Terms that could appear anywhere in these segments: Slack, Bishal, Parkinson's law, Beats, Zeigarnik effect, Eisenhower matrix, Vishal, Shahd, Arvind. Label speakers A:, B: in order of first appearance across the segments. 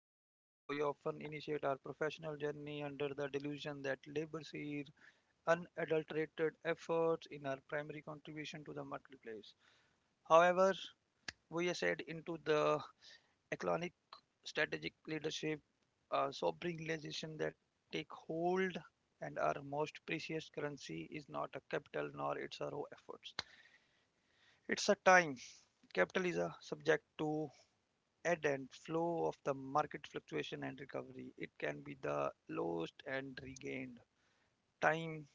A: As you know, we often initiate our professional journey under the delusion that labor sees unadulterated efforts in our primary contribution to the marketplace. However, we are said into the economic strategic leadership, sobering realization that take hold and our most precious currency is not a capital nor its raw efforts. It's a time. Capital is a subject to ebb and flow of the market fluctuation and recovery. It can be the lost and regained. Time,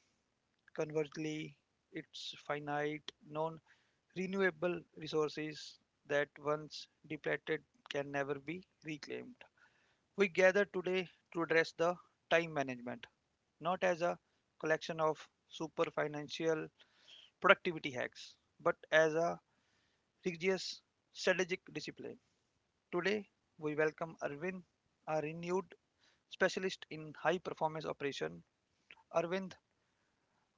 A: conversely, it's finite, non-renewable resources that once depleted can never be reclaimed. We gather today to address the time management, not as a collection of super financial productivity hacks, but as a rigorous strategic discipline. Today, we welcome Arvind, a renewed specialist in high performance operation. Arvind,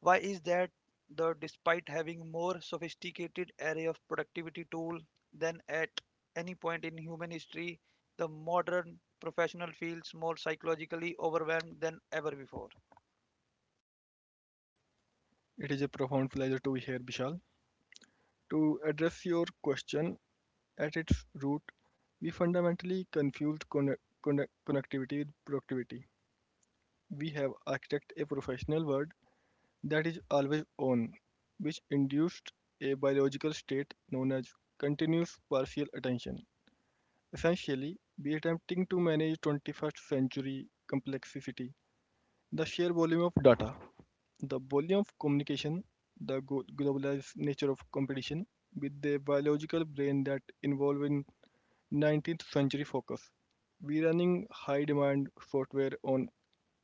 A: why is that the despite having more sophisticated array of productivity tool than at any point in human history, the modern professional feels more psychologically overwhelmed than ever before.
B: It is a profound pleasure to be here, Bishal. To address your question, at its root, we fundamentally confuse connectivity with productivity. We have architect a professional world that is always on, which induced a biological state known as continuous partial attention. Essentially, we are attempting to manage 21st century complexity, the sheer volume of data, the volume of communication, the globalized nature of competition, with the biological brain that involve in 19th century focus. We running high demand software on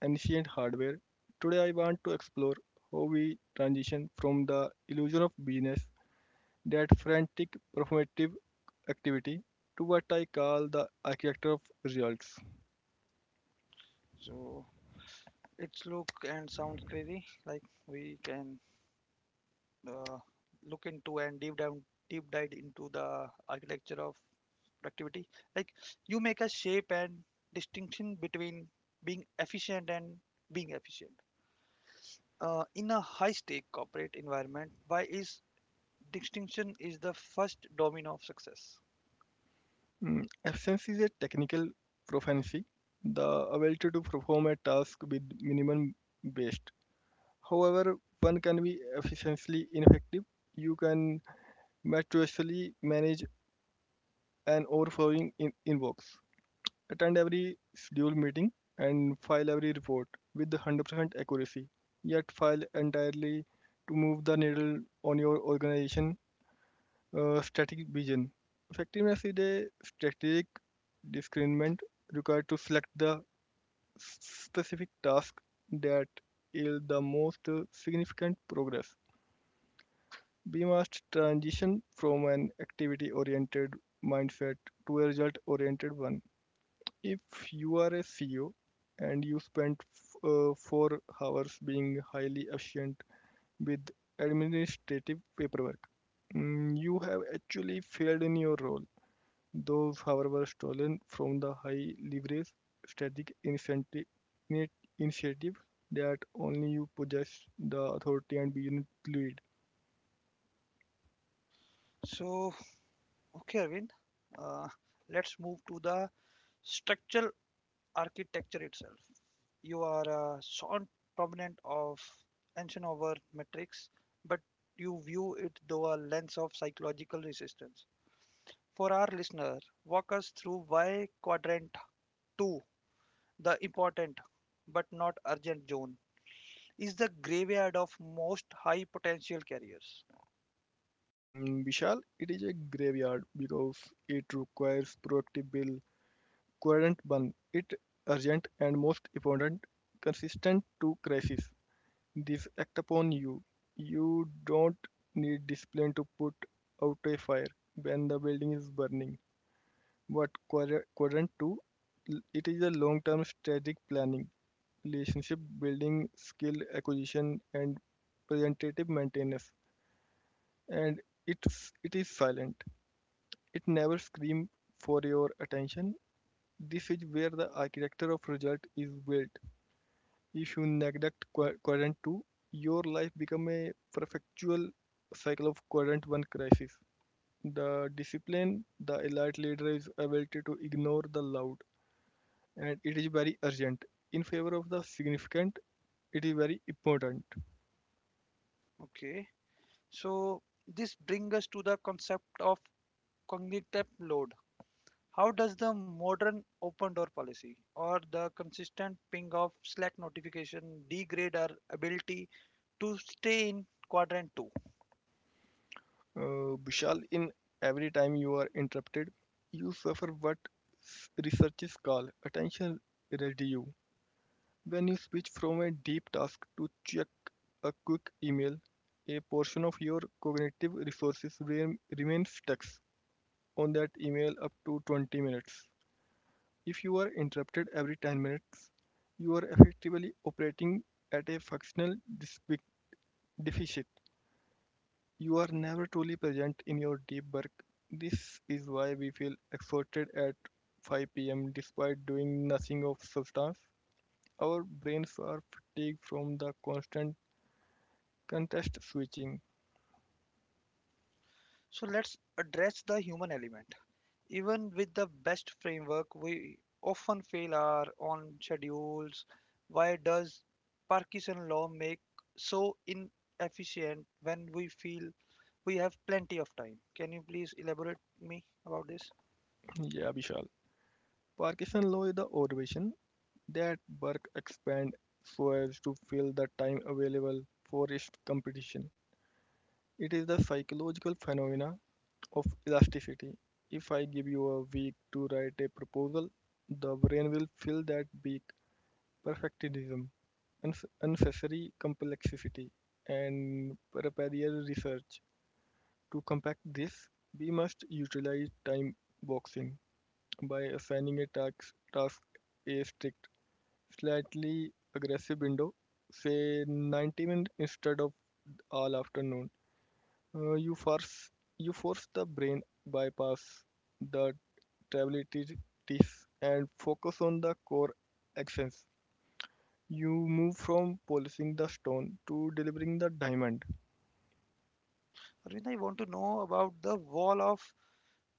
B: ancient hardware. Today I want to explore how we transition from the illusion of business, that frantic performative activity, to what I call the architecture of results.
A: So, it's look and sounds crazy. Like we can uh, look into and deep dive into the architecture of productivity. Like you make a shape and distinction between being efficient and being efficient. In a high-stake corporate environment, why is distinction is the first domino of success?
B: Absence is a technical proficiency, the ability to perform a task with minimum waste. However, one can be efficiently ineffective. You can meticulously manage an overflowing inbox, attend every scheduled meeting, and file every report with 100% accuracy, yet fail entirely to move the needle on your organization strategic vision. Effectiveness is a strategic discernment required to select the specific task that yield the most significant progress. We must transition from an activity oriented mindset to a result oriented one. If you are a CEO and you spend 4 hours being highly efficient with administrative paperwork, you have actually failed in your role. Those, however, were stolen from the high-leverage strategic incentive initiative that only you possess the authority and begin to lead.
A: So, okay, Arvind, uh, let's move to the structural architecture itself. You are a strong proponent of tension over metrics, but you view it through a lens of psychological resistance. For our listener, walk us through why quadrant 2, the important but not urgent zone, is the graveyard of most high potential carriers.
B: Vishal, it is a graveyard because it requires proactive bill, coherent one, it urgent and most important, consistent to crisis. This act upon you. You don't need discipline to put out a fire when the building is burning. What quadrant two? It is a long-term strategic planning, relationship building, skill acquisition, and preventative maintenance. And it is silent. It never screams for your attention. This is where the architecture of result is built. If you neglect quadrant two, your life becomes a perpetual cycle of quadrant one crisis. The discipline the elite leader is ability to ignore the loud and it is very urgent. In favor of the significant, it is very important.
A: Okay, so this brings us to the concept of cognitive load. How does the modern open door policy or the consistent ping of Slack notification degrade our ability to stay in quadrant 2?
B: Vishal, in every time you are interrupted, you suffer what researchers call attention residue. When you switch from a deep task to check a quick email, a portion of your cognitive resources remains stuck on that email up to 20 minutes. If you are interrupted every 10 minutes, you are effectively operating at a functional deficit. You are never truly present in your deep work. This is why we feel exhausted at 5 p.m. despite doing nothing of substance. Our brains are fatigued from the constant context switching.
A: So let's address the human element. Even with the best framework, we often fail our own schedules. Why does Parkinson's law make so inefficient when we feel we have plenty of time? Can you please elaborate me about this?
B: Yeah, Vishal. Parkinson's law is the observation that work expands so as to fill the time available for its competition. It is the psychological phenomena of elasticity. If I give you a week to write a proposal, the brain will fill that week perfectionism, unnecessary complexity, and preparatory research. To combat this, we must utilize time boxing by assigning a task a strict, slightly aggressive window, say 90 minutes instead of all afternoon. Uh, you force you force the brain bypass the responsibilities and focus on the core actions. You move from polishing the stone to delivering the diamond.
A: Arvind, I want to know about the wall of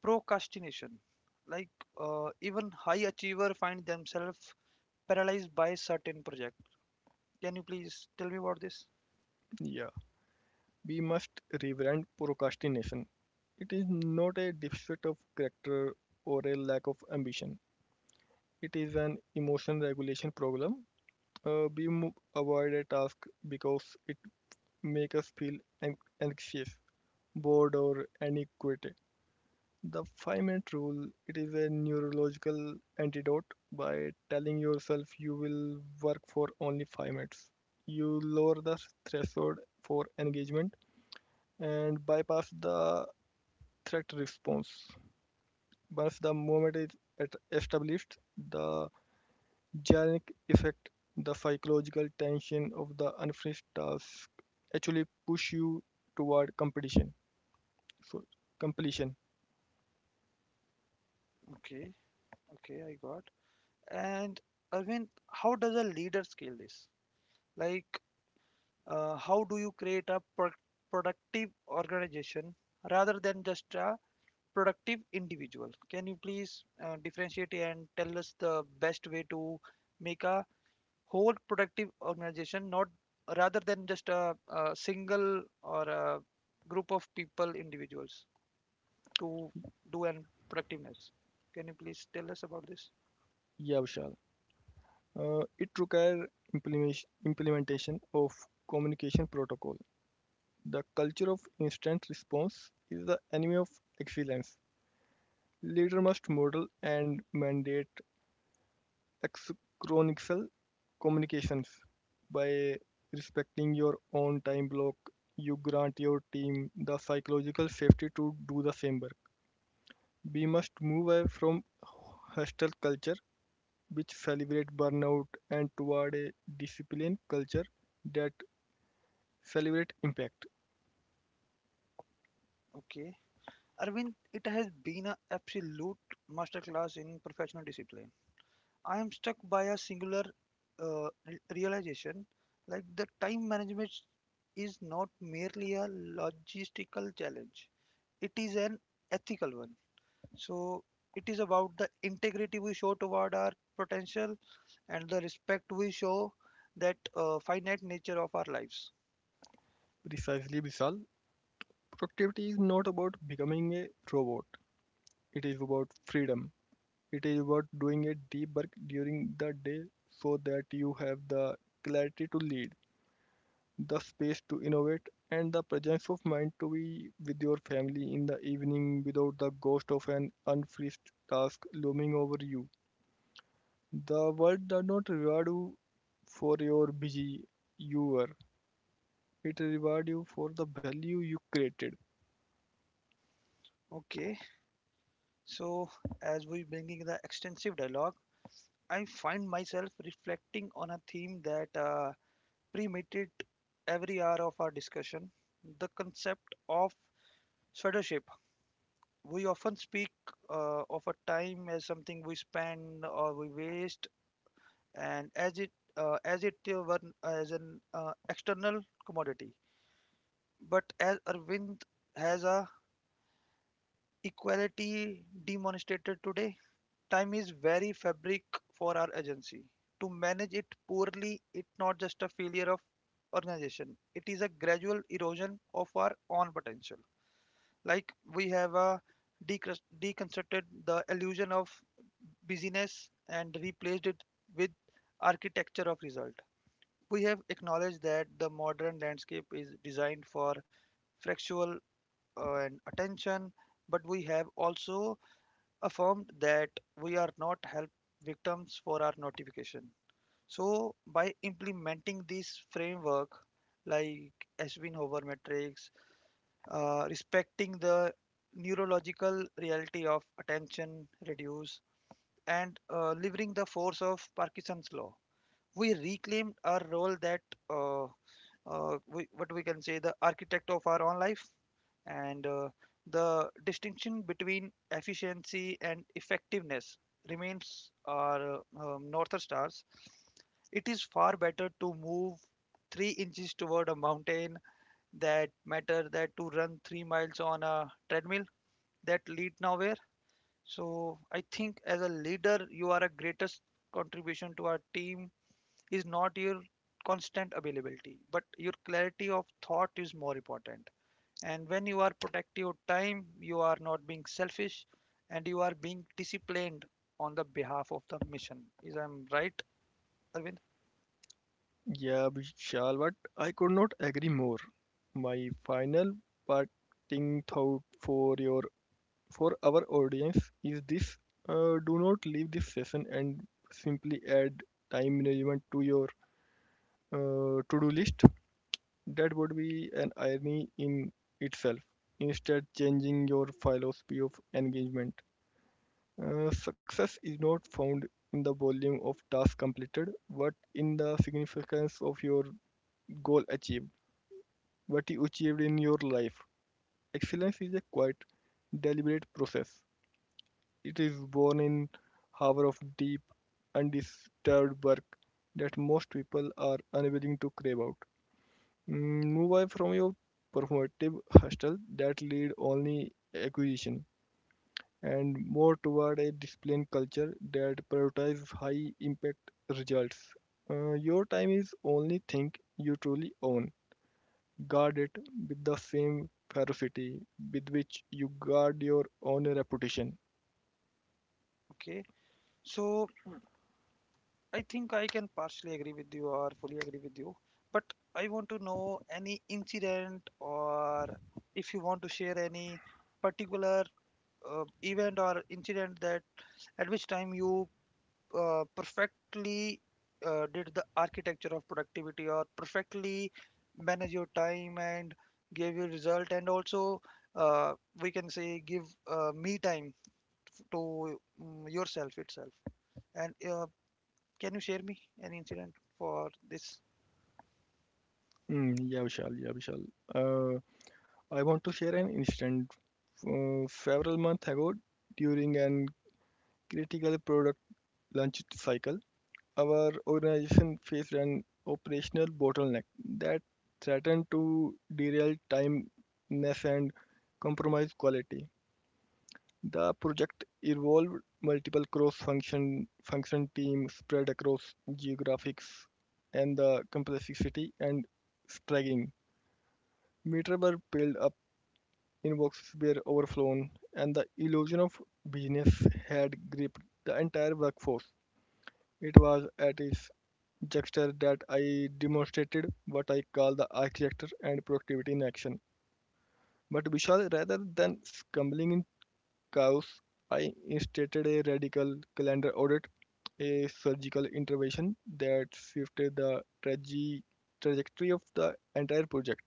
A: procrastination. Like even high achiever find themselves paralyzed by certain project. Can you please tell me about this?
B: Yeah, we must reverend procrastination. It is not a deficit of character or a lack of ambition. It is an emotion regulation problem. We avoid a task because it makes us feel anxious, bored, or inadequate. The 5 minute rule it is a neurological antidote by telling yourself you will work for only 5 minutes. You lower the threshold for engagement and bypass the threat response. Once the moment is established, the Jarnik effect, the psychological tension of the unfinished task, actually push you toward competition. So completion.
A: Okay, okay, I got. And Arvind, how does a leader scale this? Like how do you create a productive organization rather than just a productive individual? Can you please differentiate and tell us the best way to make a whole productive organization, not rather than just a single or a group of people, individuals to do an productiveness. Can you please tell us about this?
B: Yeah, Vishal. It requires implementation of communication protocol. The culture of instant response is the enemy of excellence. Leader must model and mandate asynchronous communications. By respecting your own time block, you grant your team the psychological safety to do the same work. We must move away from hostile culture, which celebrate burnout, and toward a disciplined culture that celebrate impact.
A: Okay. Arvind, it has been an absolute masterclass in professional discipline. I am struck by a singular realization. Like the time management is not merely a logistical challenge, it is an ethical one. So it is about the integrity we show toward our potential and the respect we show that finite nature of our lives.
B: Precisely, Vishal. Productivity is not about becoming a robot, it is about freedom. It is about doing a deep work during the day so that you have the clarity to lead, the space to innovate, and the presence of mind to be with your family in the evening without the ghost of an unfinished task looming over you. The world does not reward you for your busy you were. It rewards you for the value you created.
A: Okay, so as we bringing the extensive dialogue, I find myself reflecting on a theme that permeated every hour of our discussion: the concept of shadowship. We often speak of a time as something we spend or we waste, and as it were as an external commodity. But as Arvind has a equality demonstrated today, time is very fabric for our agency. To manage it poorly, it's not just a failure of organization. It is a gradual erosion of our own potential. Like we have a deconstructed the illusion of busyness and replaced it with architecture of result. We have acknowledged that the modern landscape is designed for factual and attention, but we have also affirmed that we are not help victims for our notification. So, by implementing this framework, like Eisenhower matrix, respecting the neurological reality of attention reduce, and leveraging the force of Parkinson's law, we reclaimed our role that uh, what we can say the architect of our own life and the distinction between efficiency and effectiveness remains our north stars. It is far better to move 3 inches toward a mountain that matter that to run 3 miles on a treadmill that lead nowhere. So I think as a leader you are a greatest contribution to our team is not your constant availability, but your clarity of thought is more important. And when you are protecting your time, you are not being selfish and you are being disciplined on the behalf of the mission. Is I'm right, Arvind?
B: Yeah, Vishal, but I could not agree more. My final parting thought for your for our audience is this: do not leave this session and simply add time management to your to-do list. That would be an irony in itself. Instead, changing your philosophy of engagement. Success is not found in the volume of tasks completed, but in the significance of your goal achieved. What you achieved in your life. Excellence is a quite deliberate process. It is born in hour of deep, undisturbed work that most people are unwilling to crave out. Move away from your performative hustle that lead only acquisition and more toward a disciplined culture that prioritizes high impact results. Your time is only thing you truly own. Guard it with the same ferocity with which you guard your own reputation.
A: Okay. So I think I can partially agree with you or fully agree with you. But I want to know any incident or if you want to share any particular event or incident that at which time you perfectly did the architecture of productivity or perfectly manage your time and gave you result and also uh, we can say give me time to yourself itself and can you share me an incident for this?
B: Mm, yeah, Vishal, yeah, Vishal. Uh, I want to share an incident. Several months ago, during an critical product launch cycle, our organization faced an operational bottleneck that threatened to derail timeliness and compromise quality. The project involved multiple cross-function function teams spread across geographics, and the complexity and straggling meter were piled up, inboxes were overflown, and the illusion of business had gripped the entire workforce. It was at its juncture that I demonstrated what I call the architecture and productivity in action. But Vishal, rather than stumbling chaos, I instituted a radical calendar audit, a surgical intervention that shifted the trajectory of the entire project.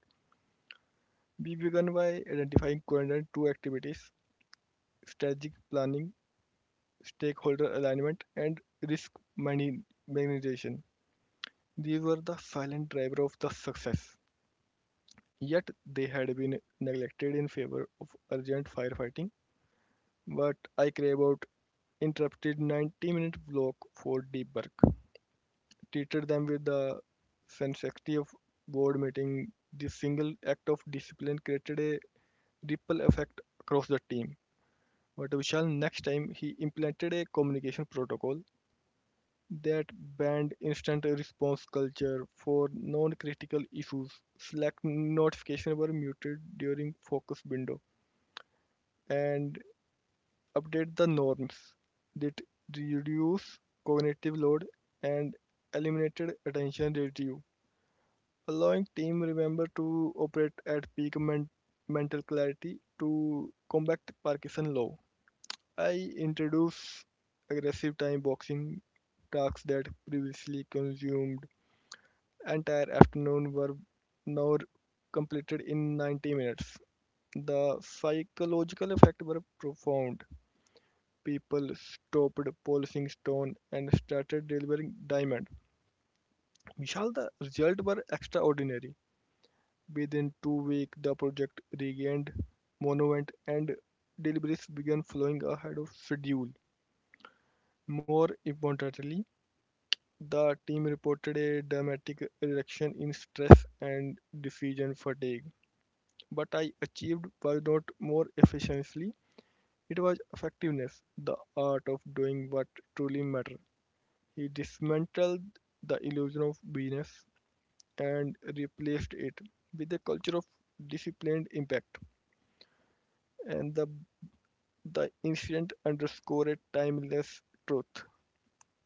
B: We began by identifying current two activities strategic planning, stakeholder alignment, and risk mani- minimization. These were the silent driver of the success, yet they had been neglected in favor of urgent firefighting. What I care about interrupted 90-minute block for deep work. Treated them with the sanctity of board meeting. This single act of discipline created a ripple effect across the team. But Vishal, next time he implemented a communication protocol that banned instant response culture for non-critical issues. Slack notifications were muted during focus window and update the norms that reduce cognitive load and eliminated attention residue. Allowing team remember to operate at peak mental clarity to combat Parkinson law. I introduce aggressive time boxing tasks that previously consumed entire afternoon were now completed in 90 minutes. The psychological effects were profound. People stopped polishing stone and started delivering diamond. Vishal, the results were extraordinary. Within 2 weeks, the project regained momentum and deliveries began flowing ahead of schedule. More importantly, the team reported a dramatic reduction in stress and decision fatigue. What I achieved was not more efficiency, it was effectiveness, the art of doing what truly matters. He dismantled the illusion of business and replaced it with a culture of disciplined impact. And the incident underscored a timeless truth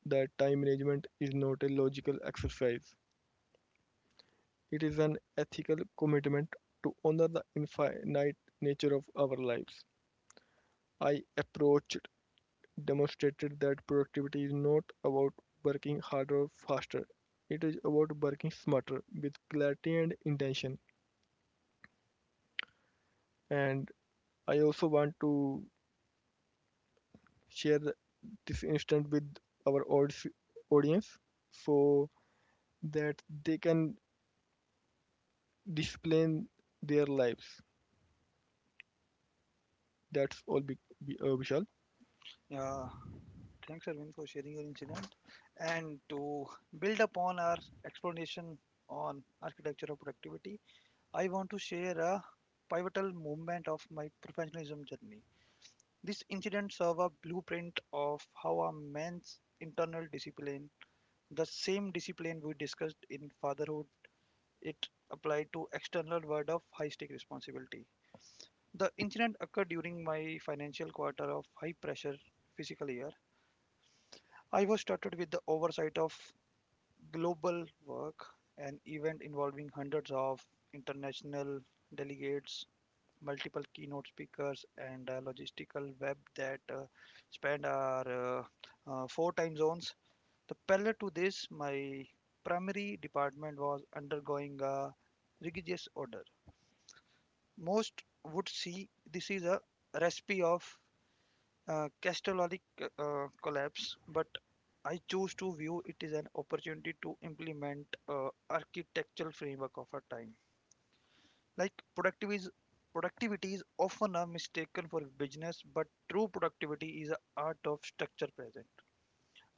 B: that time management is not a logical exercise. It is an ethical commitment to honor the infinite nature of our lives. I approached demonstrated that productivity is not about working harder or faster. It is about working smarter with clarity and intention. And I also want to share this instant with our audience so that they can explain their lives. That's all, Vishal.
A: Yeah, thanks Arvind for sharing your incident. And to build upon our explanation on architecture of productivity, I want to share a pivotal moment of my professionalism journey. This incident serve a blueprint of how a man's internal discipline, the same discipline we discussed in fatherhood, it applied to external world of high stake responsibility. The incident occurred during my financial quarter of high pressure physical year. I was started with the oversight of global work, an event involving hundreds of international delegates, multiple keynote speakers and logistical web that span our 4 time zones. The parallel to this, my primary department was undergoing a religious order. Most would see this is a recipe of catastrophic collapse, but I choose to view it as an opportunity to implement architectural framework of our time. Like productivity is often a mistaken for business, but true productivity is an art of structure present.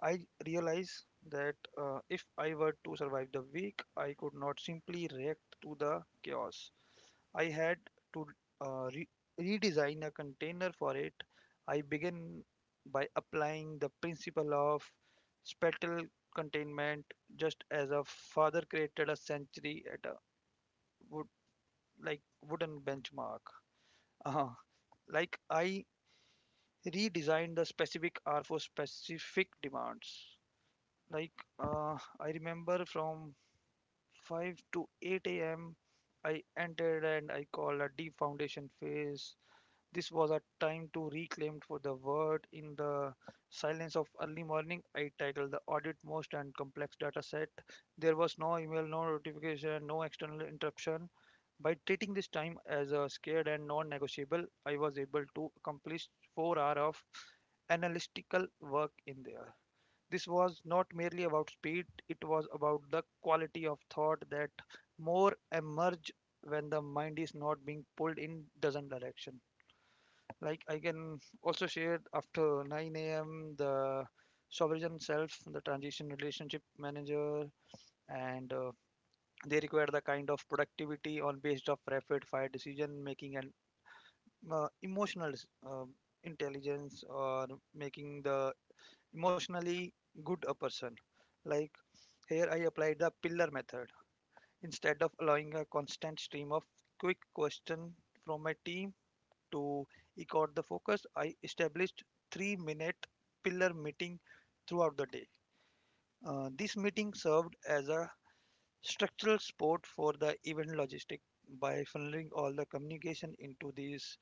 A: I realize that if I were to survive the week, I could not simply react to the chaos. I had to uh, re- redesign a container for it. I began by applying the principle of spatial containment, just as a father created a sanctuary at a wood like wooden benchmark. uh Like I redesigned the specific R for specific demands. Like I remember from 5 to 8 a.m. I entered and I called a deep foundation phase. This was a time to reclaim for the word. In the silence of early morning, I tackled the audit most and complex data set. There was no email, no notification, no external interruption. By treating this time as a scared and non-negotiable, I was able to accomplish 4 hours of analytical work in there. This was not merely about speed, it was about the quality of thought that more emerge when the mind is not being pulled in dozen direction. Like I can also share after 9 a.m. the sovereign self, the transition relationship manager, and they require the kind of productivity on based of rapid fire decision making and emotional uh, intelligence or making the emotionally good a person. Like here, I applied the pillar method. Instead of allowing a constant stream of quick question from my team to eke out the focus, I established 3-minute pillar meeting throughout the day. This meeting served as a structural support for the event logistic by funneling all the communication into these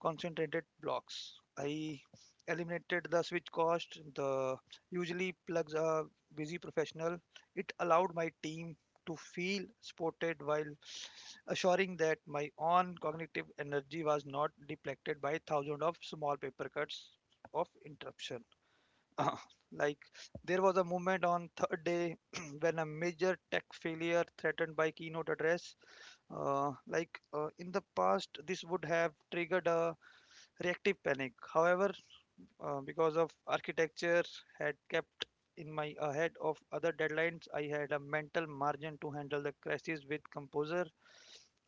A: concentrated blocks. I eliminated the switch cost, the usually plugs a busy professional. It allowed my team to feel supported while assuring that my own cognitive energy was not depleted by thousands of small paper cuts of interruption. Like there was a moment on third day when a major tech failure threatened by keynote address. In the past, this would have triggered a reactive panic. However, because of architecture had kept in my ahead of other deadlines, I had a mental margin to handle the crisis with composure.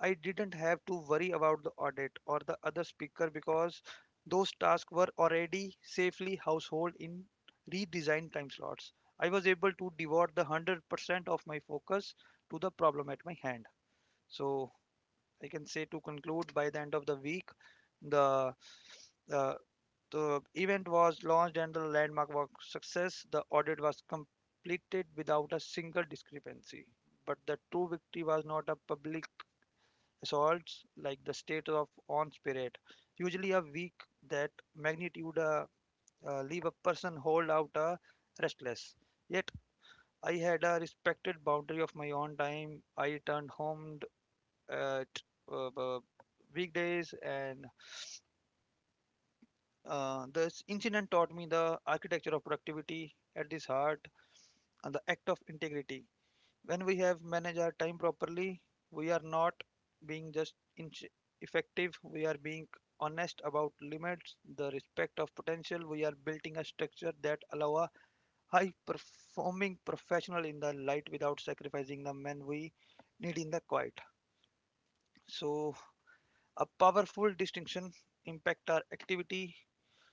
A: I didn't have to worry about the audit or the other speaker because those tasks were already safely household in redesigned time slots. I was able to devote the 100% of my focus to the problem at my hand. So I can say to conclude by the end of the week, the uh, the event was launched and the landmark was success. The audit was completed without a single discrepancy. But the true victory was not a public assault like the state of on spirit. Usually a week that magnitude leave a person hold out restless. Yet I had a respected boundary of my own time. I returned home at uh, uh, weekdays and this incident taught me the architecture of productivity at this heart and the act of integrity. When we have managed our time properly, we are not being just effective, we are being honest about limits, the respect of potential. We are building a structure that allow a high performing professional in the light without sacrificing the men we need in the quiet. So, a powerful distinction impact our activity.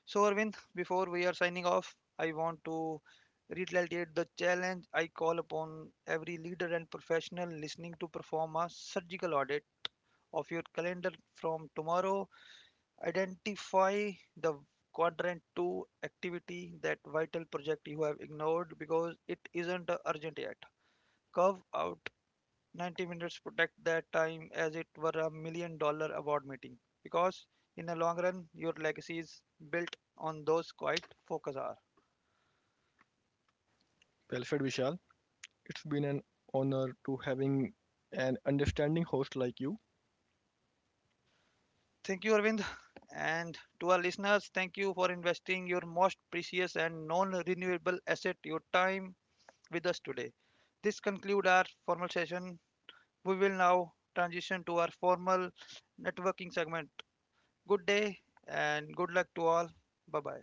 A: So, Arvind, before we are signing off, I want to reiterate the challenge I call upon every leader and professional listening to perform a surgical audit of your calendar from tomorrow. Identify the quadrant 2 activity, that vital project you have ignored because it isn't urgent yet. Carve out 90 minutes, protect that time as it were $1 million award meeting because in the long run, your legacy is built on those quiet focus hours.
B: Well said, Vishal. It's been an honor to having an understanding host like you.
A: Thank you, Arvind. And to our listeners, thank you for investing your most precious and non renewable asset, your time, with us today. This concludes our formal session. We will now transition to our formal networking segment. Good day and good luck to all. Bye bye.